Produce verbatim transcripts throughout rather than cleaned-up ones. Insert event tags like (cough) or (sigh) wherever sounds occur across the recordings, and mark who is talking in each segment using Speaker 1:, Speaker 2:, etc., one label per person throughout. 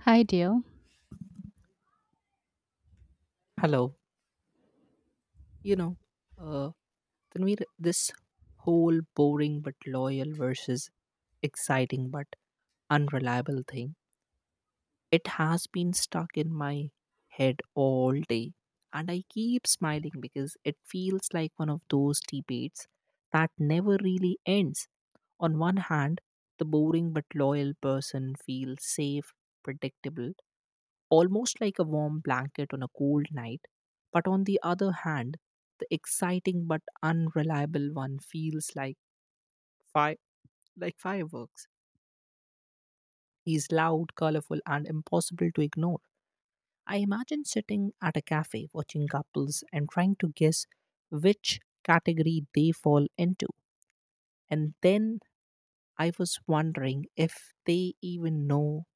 Speaker 1: Hi dear.
Speaker 2: Hello. You know, uh, Tanvir, this whole boring but loyal versus exciting but unreliable thing, it has been stuck in my head all day. And I keep smiling because it feels like one of those debates that never really ends. On one hand, the boring but loyal person feels safe, predictable, almost like a warm blanket on a cold night. But on the other hand, the exciting but unreliable one feels like fi- like fireworks. He's loud, colorful, and impossible to ignore. I imagine sitting at a cafe watching couples and trying to guess which category they fall into. And then I was wondering if they even know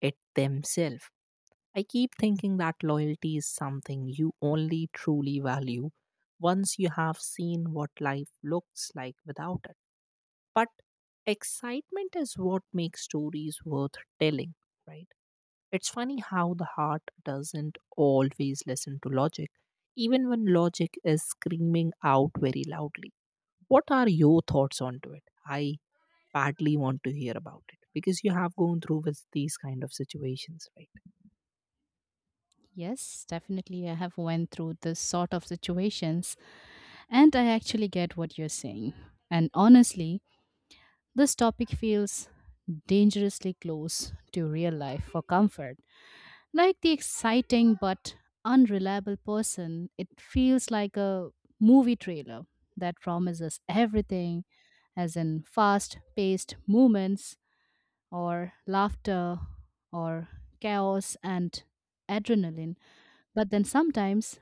Speaker 2: it themselves. I keep thinking that loyalty is something you only truly value once you have seen what life looks like without it. But excitement is what makes stories worth telling, right? It's funny how the heart doesn't always listen to logic, even when logic is screaming out very loudly. What are your thoughts onto it? I badly want to hear about it because you have gone through with these kind of situations, right?
Speaker 1: Yes, definitely I have went through this sort of situations and I actually get what you're saying. And honestly, this topic feels dangerously close to real life for comfort. Like the exciting but unreliable person, it feels like a movie trailer that promises everything as in fast paced movements or laughter or chaos and adrenaline. But then sometimes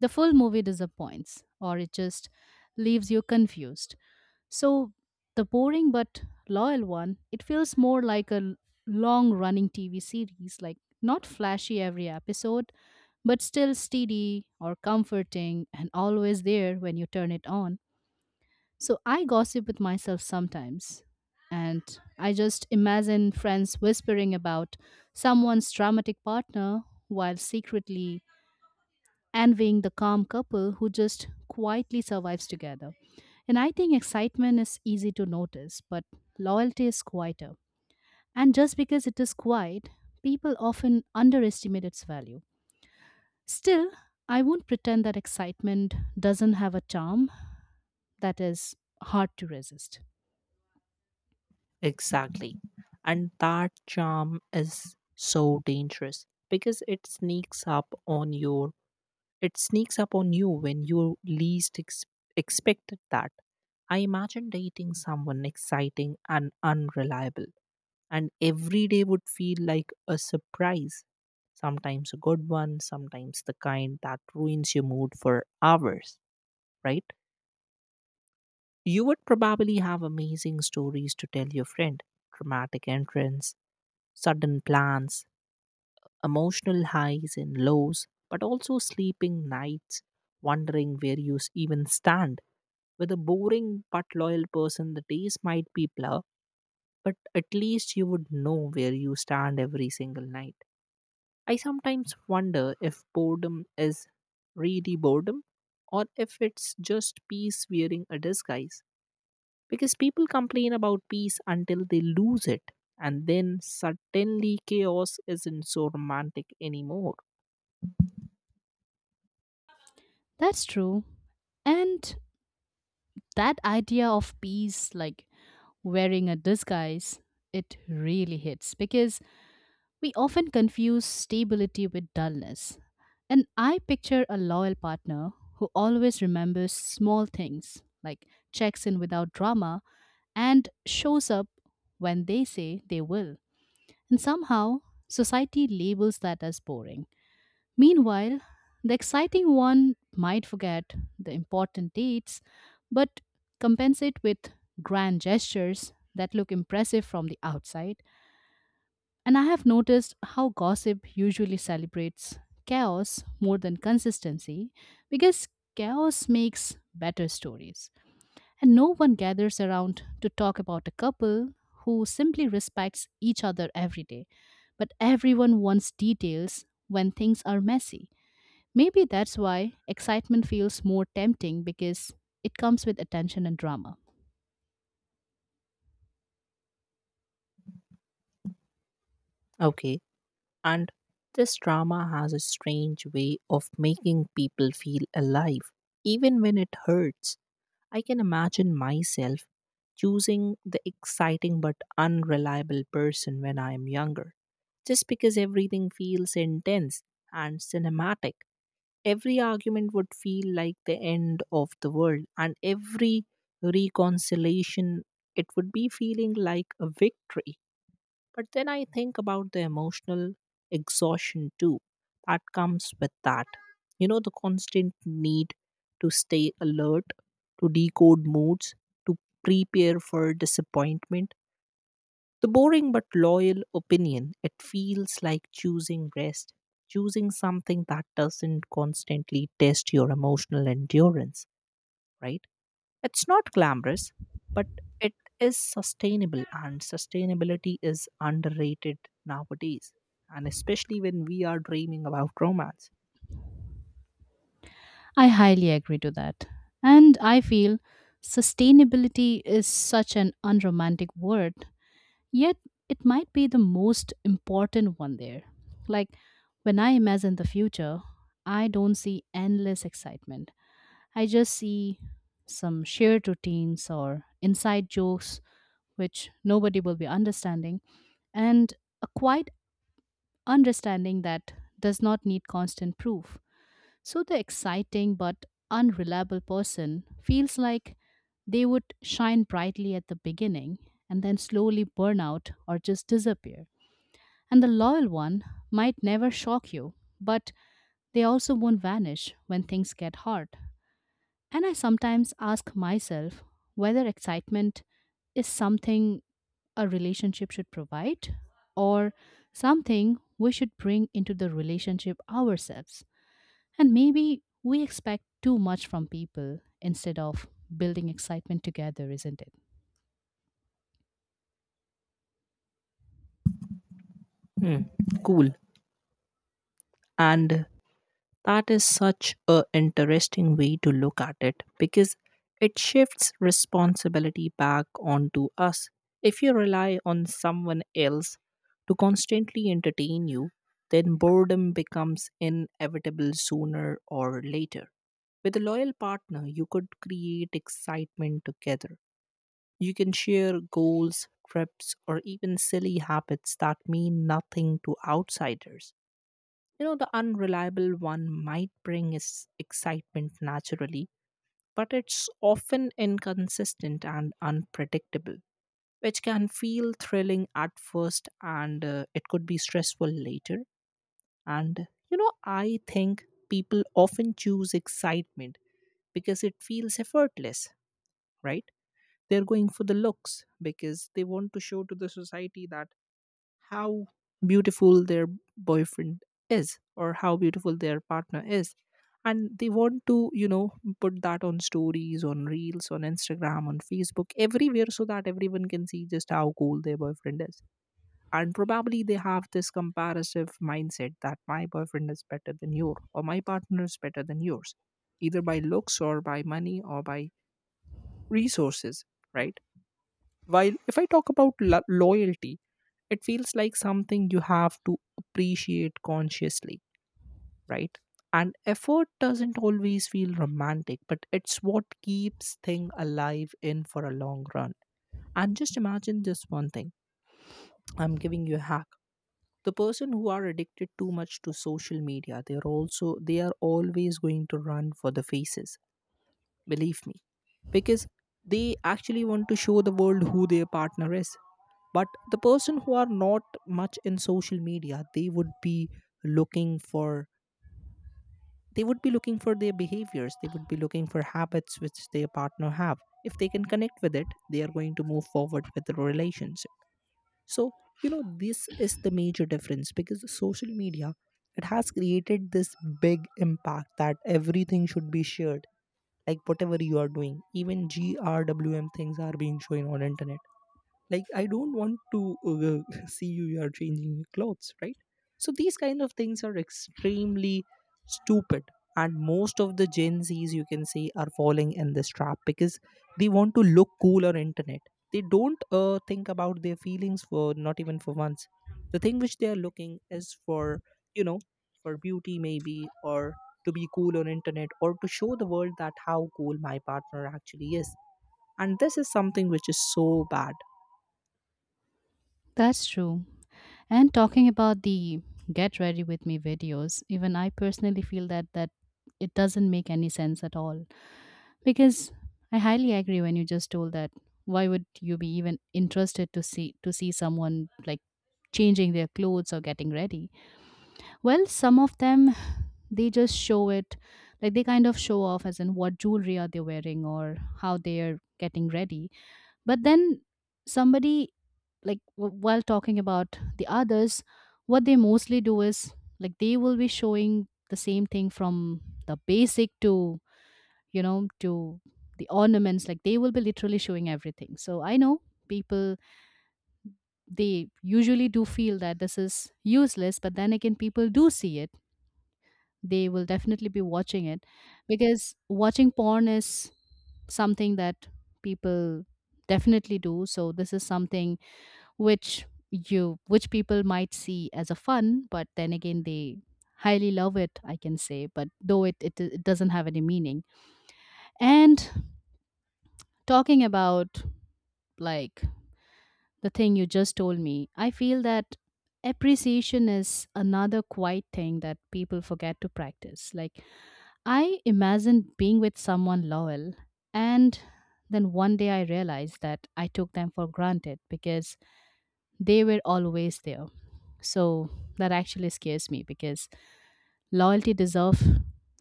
Speaker 1: the full movie disappoints or it just leaves you confused. So the boring but loyal one, it feels more like a long running T V series, like not flashy every episode, but still steady or comforting and always there when you turn it on. So I gossip with myself sometimes. And I just imagine friends whispering about someone's dramatic partner while secretly envying the calm couple who just quietly survives together. And I think excitement is easy to notice, but loyalty is quieter. And just because it is quiet, people often underestimate its value. Still, I won't pretend that excitement doesn't have a charm that is hard to resist.
Speaker 2: Exactly. And that charm is so dangerous because it sneaks up on your it sneaks up on you when you least ex- expected that. I imagine dating someone exciting and unreliable and every day would feel like a surprise. Sometimes a good one, sometimes the kind that ruins your mood for hours, right? You would probably have amazing stories to tell your friend, dramatic entrance, sudden plans, emotional highs and lows, but also sleeping nights, wondering where you s- even stand. With a boring but loyal person, the days might be blur, but at least you would know where you stand every single night. I sometimes wonder if boredom is really boredom or if it's just peace wearing a disguise because people complain about peace until they lose it and then suddenly chaos isn't so romantic anymore.
Speaker 1: That's true. And that idea of peace, like wearing a disguise, it really hits because we often confuse stability with dullness. And I picture a loyal partner who always remembers small things, like checks in without drama and shows up when they say they will. And somehow, society labels that as boring. Meanwhile, the exciting one might forget the important dates, but compensate with grand gestures that look impressive from the outside, and I have noticed how gossip usually celebrates chaos more than consistency because chaos makes better stories. And no one gathers around to talk about a couple who simply respects each other every day. But everyone wants details when things are messy. Maybe that's why excitement feels more tempting because it comes with attention and drama.
Speaker 2: Okay. And this drama has a strange way of making people feel alive even when it hurts. I can imagine myself choosing the exciting but unreliable person when I am younger just because everything feels intense and cinematic. Every argument would feel like the end of the world, and every reconciliation, it would be feeling like a victory. But then I think about the emotional exhaustion too that comes with that. You know, the constant need to stay alert, to decode moods, to prepare for disappointment. The boring but loyal opinion, it feels like choosing rest, choosing something that doesn't constantly test your emotional endurance, right? It's not glamorous, but it is sustainable, and sustainability is underrated nowadays, and especially when we are dreaming about romance.
Speaker 1: I highly agree to that. And I feel sustainability is such an unromantic word, yet it might be the most important one there. Like when I imagine the future, I don't see endless excitement. I just see some shared routines or inside jokes which nobody will be understanding, and a quiet understanding that does not need constant proof. So the exciting but unreliable person feels like they would shine brightly at the beginning and then slowly burn out or just disappear. And the loyal one might never shock you, but they also won't vanish when things get hard. And I sometimes ask myself whether excitement is something a relationship should provide or something we should bring into the relationship ourselves. And maybe we expect too much from people instead of building excitement together, isn't it?
Speaker 2: Hmm, cool. And That is such a interesting way to look at it because it shifts responsibility back onto us. If you rely on someone else to constantly entertain you, then boredom becomes inevitable sooner or later. With a loyal partner, you could create excitement together. You can share goals, trips, or even silly habits that mean nothing to outsiders. You know, the unreliable one might bring is excitement naturally, but it's often inconsistent and unpredictable, which can feel thrilling at first and uh, it could be stressful later. And, you know, I think people often choose excitement because it feels effortless, right? They're going for the looks because they want to show to the society that how beautiful their boyfriend is or how beautiful their partner is, and they want to, you know, put that on stories, on reels, on Instagram, on Facebook, everywhere, so that everyone can see just how cool their boyfriend is. And probably they have this comparative mindset that my boyfriend is better than yours or my partner is better than yours, either by looks or by money or by resources, right? While if I talk about lo- loyalty, it feels like something you have to appreciate consciously, right? And effort doesn't always feel romantic, but it's what keeps thing alive in for a long run. And just imagine this one thing. I'm giving you a hack. The person who are addicted too much to social media, they're also they are always going to run for the faces. Believe me, because they actually want to show the world who their partner is. But the person who are not much in social media, they would be looking for, they would be looking for their behaviors, they would be looking for habits which their partner have. If they can connect with it, they are going to move forward with the relationship. So, you know, this is the major difference because social media, it has created this big impact that everything should be shared. Like whatever you are doing, even grwm things are being shown on internet. Like I don't want to uh, (laughs) see you you are changing your clothes, right? So these kind of things are extremely stupid, and most of the gen z's, you can say, are falling in this trap because they want to look cool on internet. They don't uh, think about their feelings for not even for once. The thing which they are looking is for, you know, for beauty maybe, or to be cool on internet, or to show the world that how cool my partner actually is. And this is something which is so bad.
Speaker 1: That's true. And talking about the get ready with me videos, even I personally feel that that it doesn't make any sense at all because I highly agree when you just told that why would you be even interested to see to see someone like changing their clothes or getting ready. Well, some of them, they just show it like they kind of show off as in what jewelry are they wearing or how they are getting ready. But then somebody, like w- while talking about the others, what they mostly do is like they will be showing the same thing from the basic to, you know, to the ornaments, like they will be literally showing everything. So I know people, they usually do feel that this is useless, but then again people do see it, they will definitely be watching it, because watching porn is something that people definitely do. So this is something which you, which people might see as a fun, but then again they highly love it, I can say, but though it, it it doesn't have any meaning. And talking about, like, the thing you just told me, I feel that appreciation is another quiet thing that people forget to practice. Like, I imagined being with someone loyal, and then one day I realized that I took them for granted because they were always there. So that actually scares me because loyalty deserves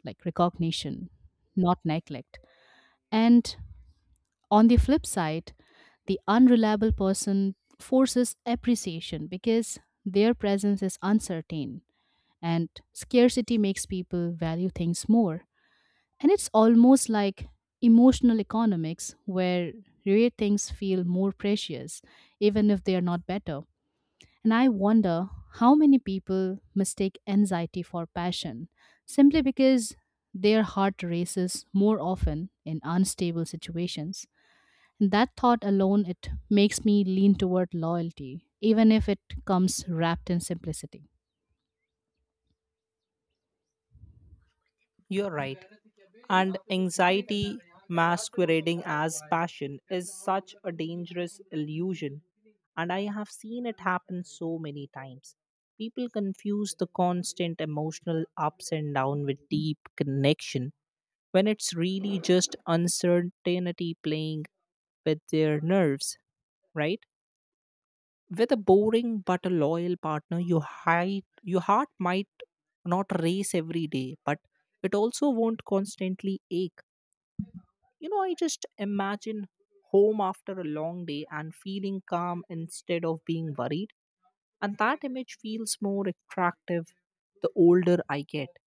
Speaker 1: like recognition, not neglect. And on the flip side, the unreliable person forces appreciation because their presence is uncertain and scarcity makes people value things more, and it's almost like emotional economics where rare things feel more precious, even if they are not better. And I wonder how many people mistake anxiety for passion simply because their heart races more often in unstable situations. And that thought alone, it makes me lean toward loyalty, even if it comes wrapped in simplicity.
Speaker 2: You're right. And anxiety masquerading as passion is such a dangerous illusion. And I have seen it happen so many times. People confuse the constant emotional ups and downs with deep connection when it's really just uncertainty playing with their nerves, right? With a boring but a loyal partner, you hide, your heart might not race every day, but it also won't constantly ache. You know, I just imagine home after a long day and feeling calm instead of being worried. And that image feels more attractive the older I get.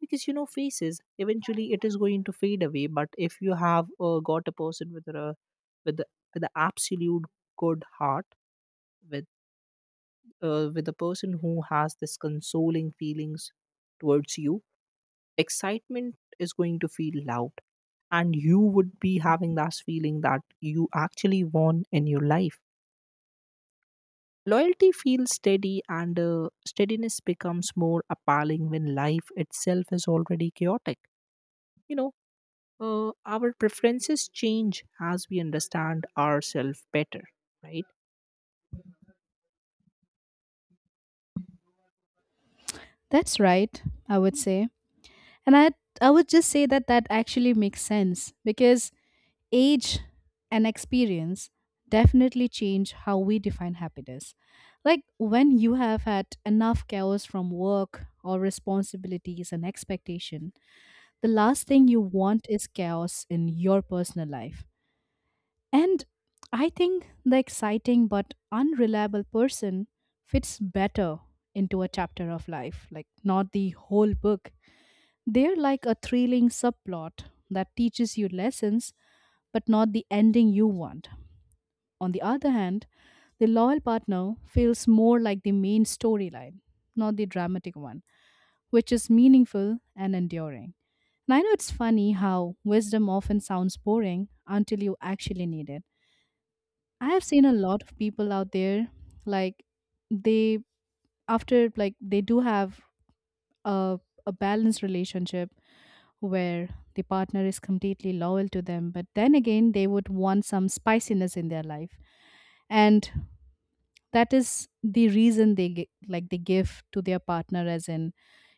Speaker 2: Because you know, faces eventually it is going to fade away. But if you have uh, got a person with a with the with the absolute good heart, with uh, with a person who has this consoling feelings towards you, excitement is going to feel loud and you would be having that feeling that you actually won in your life. Loyalty feels steady, and uh, steadiness becomes more appealing when life itself is already chaotic. You know, uh, our preferences change as we understand ourselves better, right?
Speaker 1: That's right, I would say. And I I would just say that that actually makes sense because age and experience definitely change how we define happiness. Like when you have had enough chaos from work or responsibilities and expectation, the last thing you want is chaos in your personal life. And I think the exciting but unreliable person fits better into a chapter of life, like not the whole book. They're like a thrilling subplot that teaches you lessons, but not the ending you want. On the other hand, the loyal partner feels more like the main storyline, not the dramatic one, which is meaningful and enduring. And I know it's funny how wisdom often sounds boring until you actually need it. I have seen a lot of people out there, like, they, after like they do have a a balanced relationship where the partner is completely loyal to them, but then again they would want some spiciness in their life, and that is the reason they gi- like they give to their partner as in,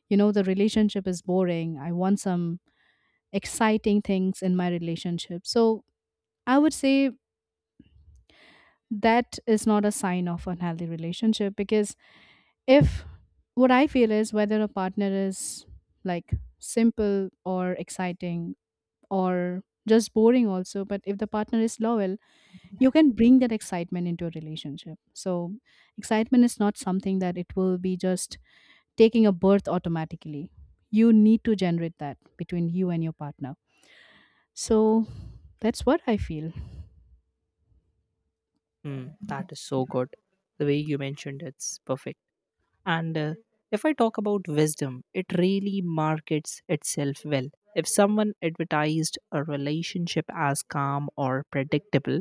Speaker 1: you know, the relationship is boring. I want some exciting things in my relationship. So I would say that is not a sign of unhealthy relationship because if, what I feel is, whether a partner is like simple or exciting or just boring also, but if the partner is loyal, you can bring that excitement into a relationship. So excitement is not something that it will be just taking a birth automatically. You need to generate that between you and your partner. So that's what I feel.
Speaker 2: Mm, that is so good. The way you mentioned it's perfect. And uh, if I talk about wisdom, it really markets itself well. If someone advertised a relationship as calm or predictable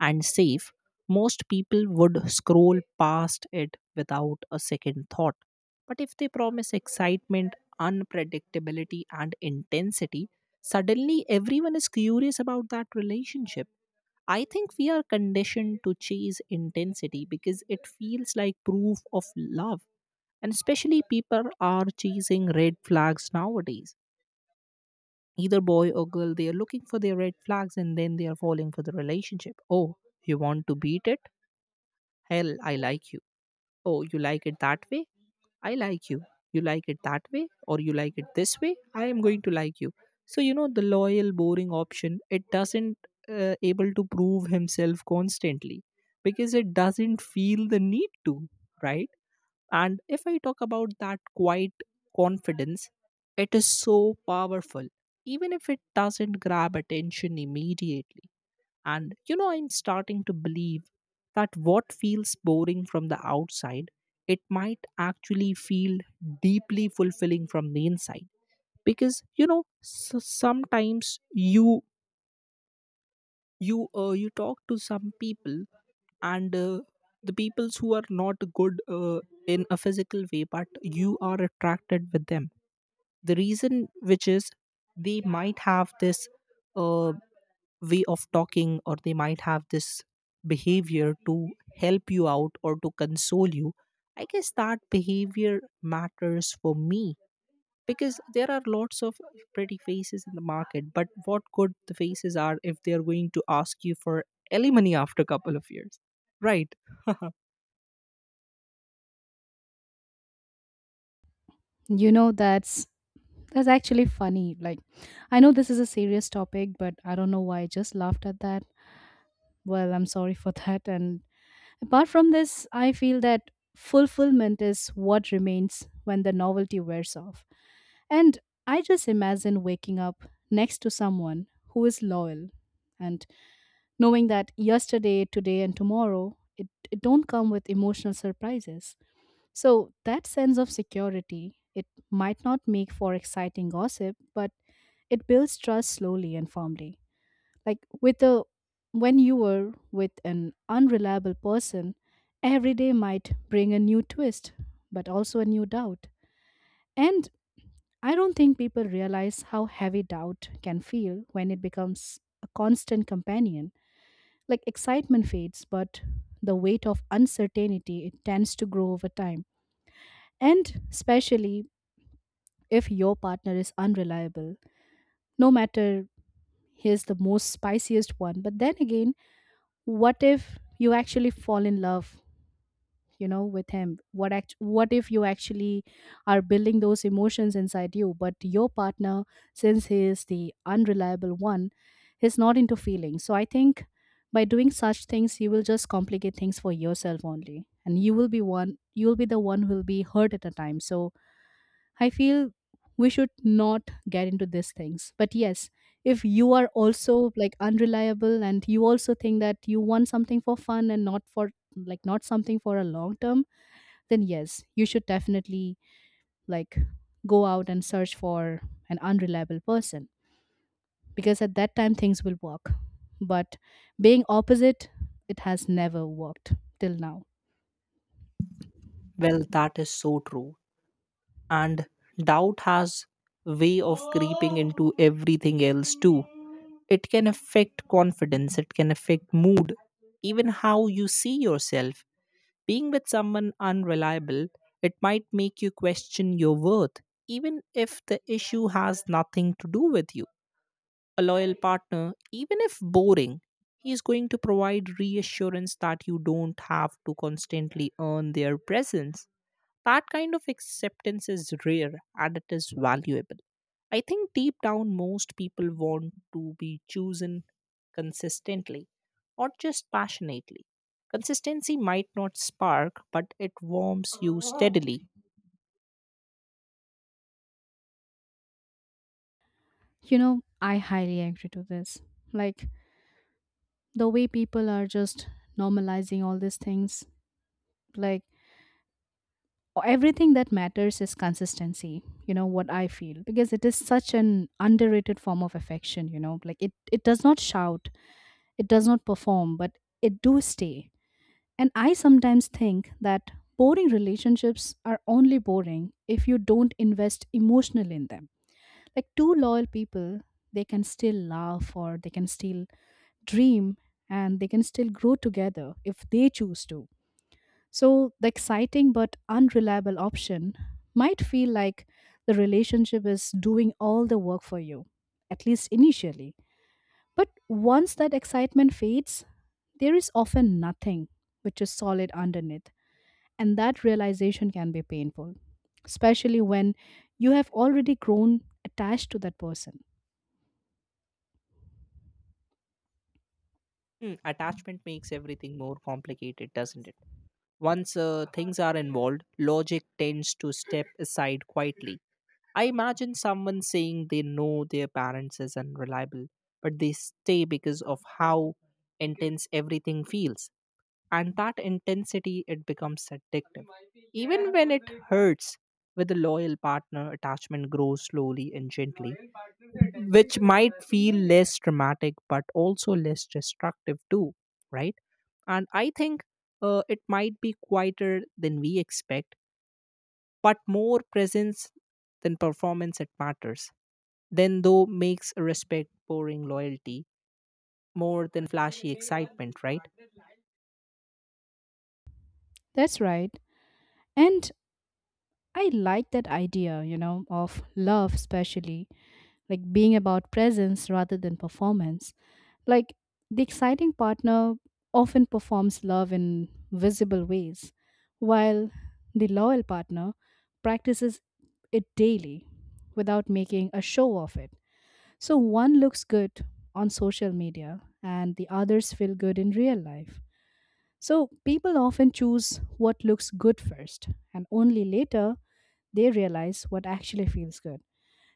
Speaker 2: and safe, most people would scroll past it without a second thought. But if they promise excitement, unpredictability, and intensity, suddenly everyone is curious about that relationship. I think we are conditioned to chase intensity because it feels like proof of love, and especially people are chasing red flags nowadays. Either boy or girl, they are looking for their red flags and then they are falling for the relationship. Oh, you want to beat it? Hell, I like you. Oh, you like it that way? I like you. You like it that way? Or you like it this way? I am going to like you. So, you know, the loyal, boring option, it doesn't uh, able to prove himself constantly because it doesn't feel the need to, right? And if I talk about that quiet confidence, it is so powerful, even if it doesn't grab attention immediately. And you know, I'm starting to believe that what feels boring from the outside, it might actually feel deeply fulfilling from the inside. Because you know, s sometimes you you uh, you talk to some people and uh, the peoples who are not good uh, in a physical way but you are attracted with them, the reason which is they might have this uh, way of talking, or they might have this behavior to help you out or to console you. I guess that behavior matters for me because there are lots of pretty faces in the market, but what good the faces are if they are going to ask you for alimony after a couple of years, right? (laughs)
Speaker 1: You know, that's that's actually funny. Like, I know this is a serious topic, but I don't know why I just laughed at that. Well, I'm sorry for that. And apart from this, I feel that fulfillment is what remains when the novelty wears off. And I just imagine waking up next to someone who is loyal, and knowing that yesterday, today, and tomorrow, it, it don't come with emotional surprises. So that sense of security, it might not make for exciting gossip, but it builds trust slowly and firmly. Like, with a, when you were with an unreliable person, every day might bring a new twist, but also a new doubt. And I don't think people realize how heavy doubt can feel when it becomes a constant companion. Like, excitement fades, but the weight of uncertainty, it tends to grow over time. And especially if your partner is unreliable, no matter he is the most spiciest one, but then again, what if you actually fall in love, you know, with him, what act- what if you actually are building those emotions inside you, but your partner, since he is the unreliable one, he's not into feelings. So I think by doing such things you will just complicate things for yourself only, and you will be one you will be the one who will be hurt at a time. So I feel we should not get into these things. But yes, if you are also like unreliable and you also think that you want something for fun and not for, like, not something for a long term, then yes, you should definitely like go out and search for an unreliable person because at that time things will work. But being opposite, it has never worked till now.
Speaker 2: Well, that is so true. And doubt has way of creeping into everything else too. It can affect confidence, it can affect mood, even how you see yourself. Being with someone unreliable, it might make you question your worth, even if the issue has nothing to do with you. A loyal partner, even if boring, he is going to provide reassurance that you don't have to constantly earn their presence. That kind of acceptance is rare and it is valuable. I think deep down, most people want to be chosen consistently, not just passionately. Consistency might not spark, but it warms you steadily.
Speaker 1: You know, I highly agree to this. Like, the way people are just normalizing all these things, like, everything that matters is consistency, you know what I feel, because it is such an underrated form of affection. You know, like, it it does not shout, it does not perform, but it do stay. And I sometimes think that boring relationships are only boring if you don't invest emotionally in them. Like, two loyal people, they can still laugh, or they can still dream, and they can still grow together if they choose to. So the exciting but unreliable option might feel like the relationship is doing all the work for you, at least initially. But once that excitement fades, there is often nothing which is solid underneath. And that realization can be painful, especially when you have already grown attached to that person.
Speaker 2: Hmm, attachment makes everything more complicated, doesn't it? Once uh, things are involved, logic tends to step aside quietly. I imagine someone saying they know their parents is unreliable, but they stay because of how intense everything feels. And that intensity it becomes addictive. Even when it hurts, with a loyal partner, attachment grows slowly and gently, which might feel less dramatic but also less destructive too, right? And I think uh, it might be quieter than we expect, but more presence than performance it matters then though makes respect pouring loyalty more than flashy excitement, right?
Speaker 1: That's right. And I like that idea, you know, of love, especially like being about presence rather than performance. Like, the exciting partner often performs love in visible ways, while the loyal partner practices it daily without making a show of it. So one looks good on social media and the others feel good in real life. So people often choose what looks good first and only later they realize what actually feels good.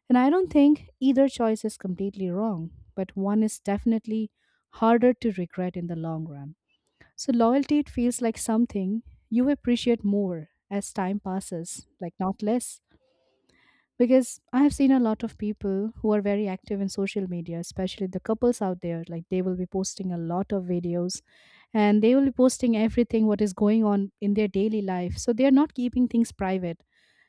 Speaker 1: And I don't think either choice is completely wrong, but one is definitely harder to regret in the long run. So, loyalty, it feels like something you appreciate more as time passes, like not less. Because I have seen a lot of people who are very active in social media, especially the couples out there, like they will be posting a lot of videos, and they will be posting everything what is going on in their daily life. So, they are not keeping things private,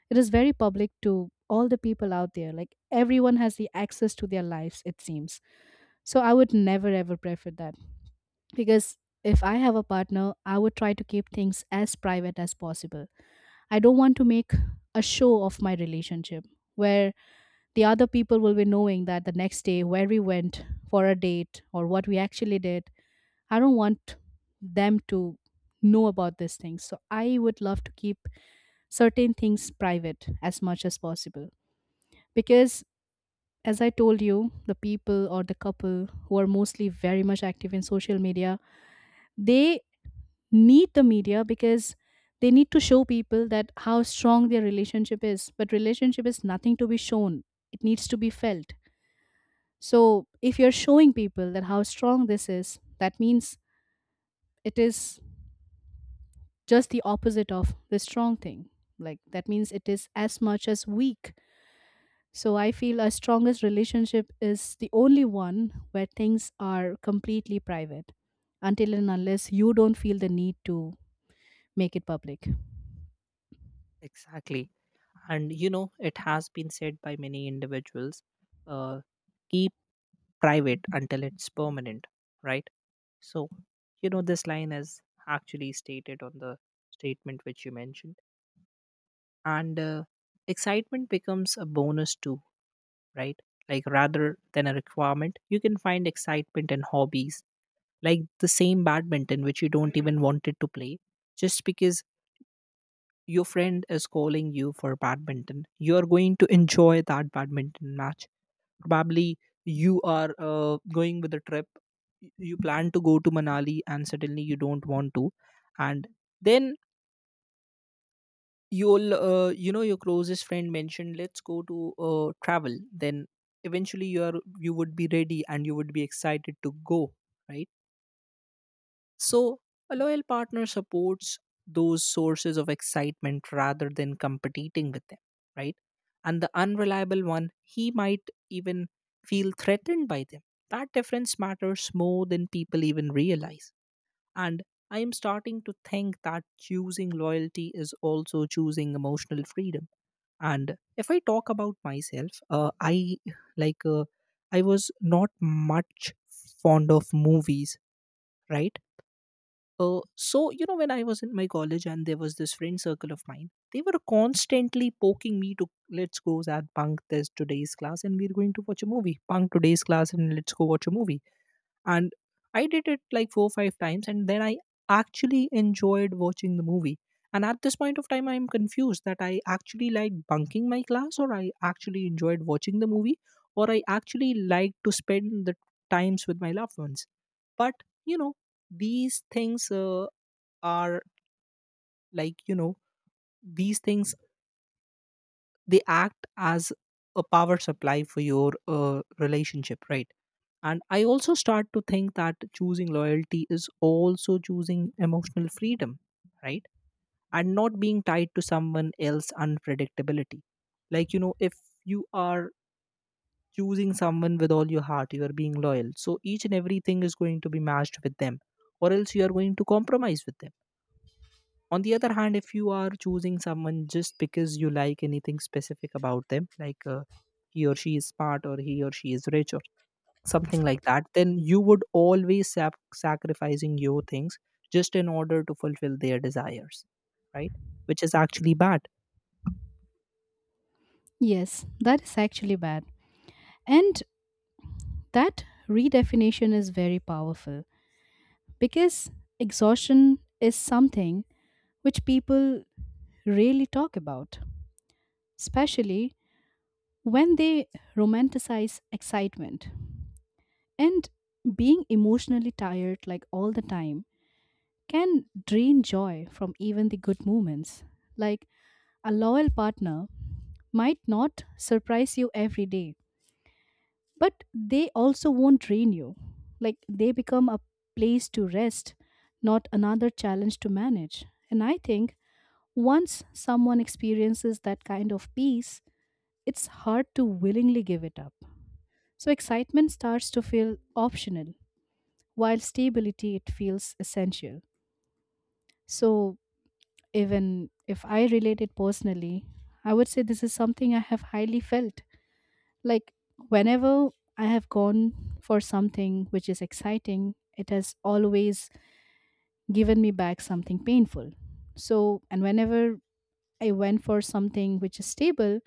Speaker 1: it is very public to all the people out there. Like everyone has the access to their lives, it seems. So I would never ever prefer that, because if I have a partner, I would try to keep things as private as possible. I don't want to make a show of my relationship, where the other people will be knowing that the next day where we went for a date or what we actually did. I don't want them to know about these things. So I would love to keep certain things private as much as possible. Because, as I told you, the people or the couple who are mostly very much active in social media, they need the media because they need to show people that how strong their relationship is. But relationship is nothing to be shown, it needs to be felt. So, if you're showing people that how strong this is, that means it is just the opposite of the strong thing. Like that means it is as much as weak. So I feel a strongest relationship is the only one where things are completely private until and unless you don't feel the need to make it public.
Speaker 2: Exactly. And you know, it has been said by many individuals, uh, keep private until it's permanent, right? So you know, this line is actually stated on the statement which you mentioned. And uh, excitement becomes a bonus too, right? Like rather than a requirement, you can find excitement in hobbies. Like the same badminton which you don't even wanted to play, just because your friend is calling you for badminton, you are going to enjoy that badminton match. Probably you are uh, going with a trip. y- You plan to go to Manali and suddenly you don't want to. And then you'll, uh, you know, your closest friend mentioned, let's go to uh, travel. Then eventually you are you would be ready and you would be excited to go, right? So a loyal partner supports those sources of excitement rather than competing with them, right? And the unreliable one, he might even feel threatened by them. That difference matters more than people even realize. And I am starting to think that choosing loyalty is also choosing emotional freedom. And if I talk about myself, uh, I like uh, I was not much fond of movies, right? Uh, so, you know, when I was in my college and there was this friend circle of mine, they were constantly poking me to let's go Zad bunk this today's class and we're going to watch a movie. Bunk today's class and let's go watch a movie. And I did it like four or five times and then I actually enjoyed watching the movie. And at this point of time, I'm confused that I actually liked bunking my class or I actually enjoyed watching the movie or I actually liked to spend the times with my loved ones. But you know, these things uh, are like you know these things they act as a power supply for your uh, relationship, right? And I also start to think that choosing loyalty is also choosing emotional freedom, right? And not being tied to someone else's unpredictability. Like you know, if you are choosing someone with all your heart, you are being loyal, so each and everything is going to be matched with them, or else you are going to compromise with them. On the other hand, if you are choosing someone just because you like anything specific about them, like uh, he or she is smart, or he or she is rich, or something like that, then you would always sap- sacrificing your things just in order to fulfill their desires, right? Which is actually bad.
Speaker 1: Yes, that is actually bad. And that redefinition is very powerful, because exhaustion is something which people really talk about, especially when they romanticize excitement. And being emotionally tired, like all the time, can drain joy from even the good moments. Like a loyal partner might not surprise you every day, but they also won't drain you. Like they become a place to rest, not another challenge to manage. And I think once someone experiences that kind of peace, it's hard to willingly give it up. So excitement starts to feel optional, while stability, it feels essential. So even if I relate it personally, I would say this is something I have highly felt. Like whenever I have gone for something which is exciting, it has always given me back something painful. So and whenever I went for something which is stable,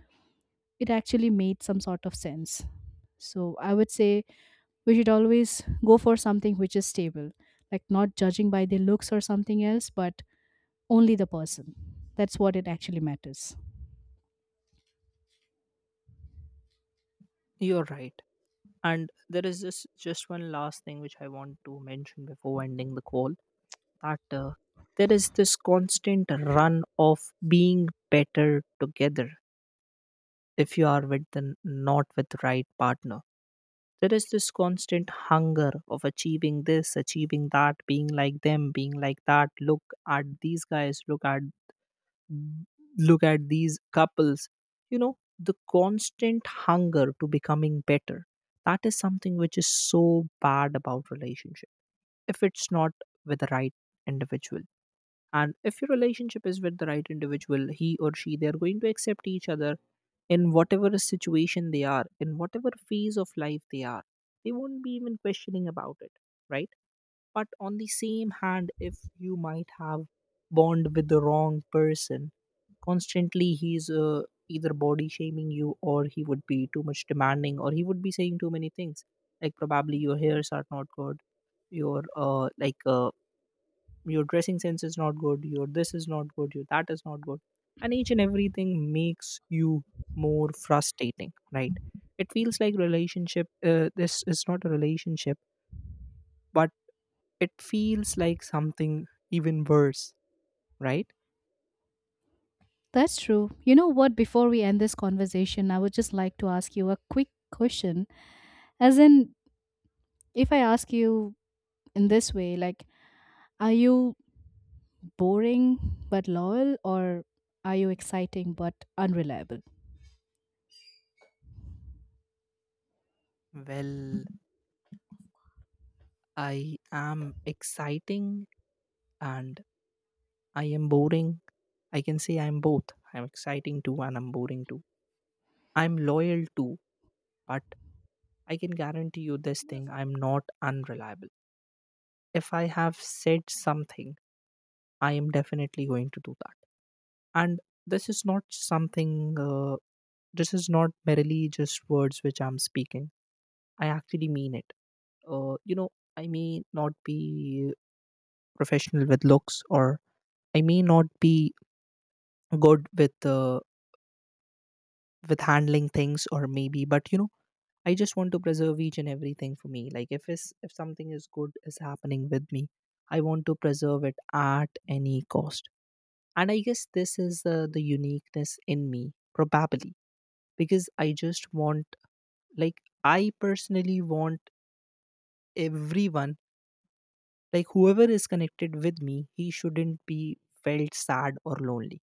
Speaker 1: it actually made some sort of sense. So I would say we should always go for something which is stable, like not judging by the looks or something else, but only the person. That's what it actually matters.
Speaker 2: You're right. And there is this just one last thing which I want to mention before ending the call, that uh, there is this constant run of being better together. If you are with the not with the right partner, there is this constant hunger of achieving this, achieving that, being like them, being like that. Look at these guys, look at look at these couples, you know, the constant hunger to becoming better. That is something which is so bad about relationship if it's not with the right individual. And if your relationship is with the right individual, he or she, they are going to accept each other in whatever situation they are, in whatever phase of life they are. They won't be even questioning about it, right? But on the same hand, if you might have bond with the wrong person, constantly he's uh, either body shaming you, or he would be too much demanding, or he would be saying too many things, like probably your hairs are not good, your uh, like uh, your dressing sense is not good, your this is not good, your that is not good, and each and everything makes you more frustrating, right? It feels like relationship uh, this is not a relationship, but it feels like something even worse, right?
Speaker 1: That's true. You know what? Before we end this conversation, I would just like to ask you a quick question. As in, if I ask you in this way, like, are you boring but loyal, or are you exciting but unreliable?
Speaker 2: Well, I am exciting, and I am boring. I can say I'm both, I'm exciting too and I'm boring too. I'm loyal too. But I can guarantee you this thing, I'm not unreliable. If I have said something, I am definitely going to do that. And this is not something, uh, this is not merely just words which I'm speaking. I actually mean it. Uh, you know, I may not be professional with looks, or I may not be good with uh, with handling things, or maybe, but you know, I just want to preserve each and everything for me. Like if is if something is good is happening with me, I want to preserve it at any cost. And I guess this is uh, the uniqueness in me, probably, because I just want, like, I personally want everyone, like, whoever is connected with me, he shouldn't be felt sad or lonely.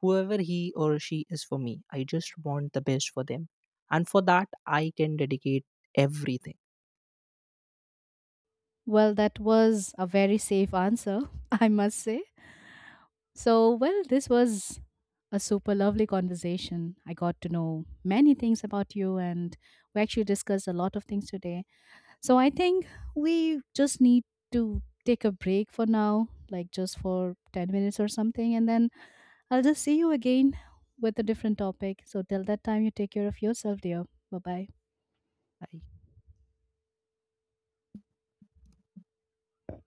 Speaker 2: Whoever he or she is for me, I just want the best for them. And for that, I can dedicate everything.
Speaker 1: Well, that was a very safe answer, (laughs) I must say. So, well, this was a super lovely conversation. I got to know many things about you, and we actually discussed a lot of things today. So I think we just need to take a break for now, like just for ten minutes or something. And then I'll just see you again with a different topic. So till that time, you take care of yourself, dear. Bye bye.
Speaker 2: Right?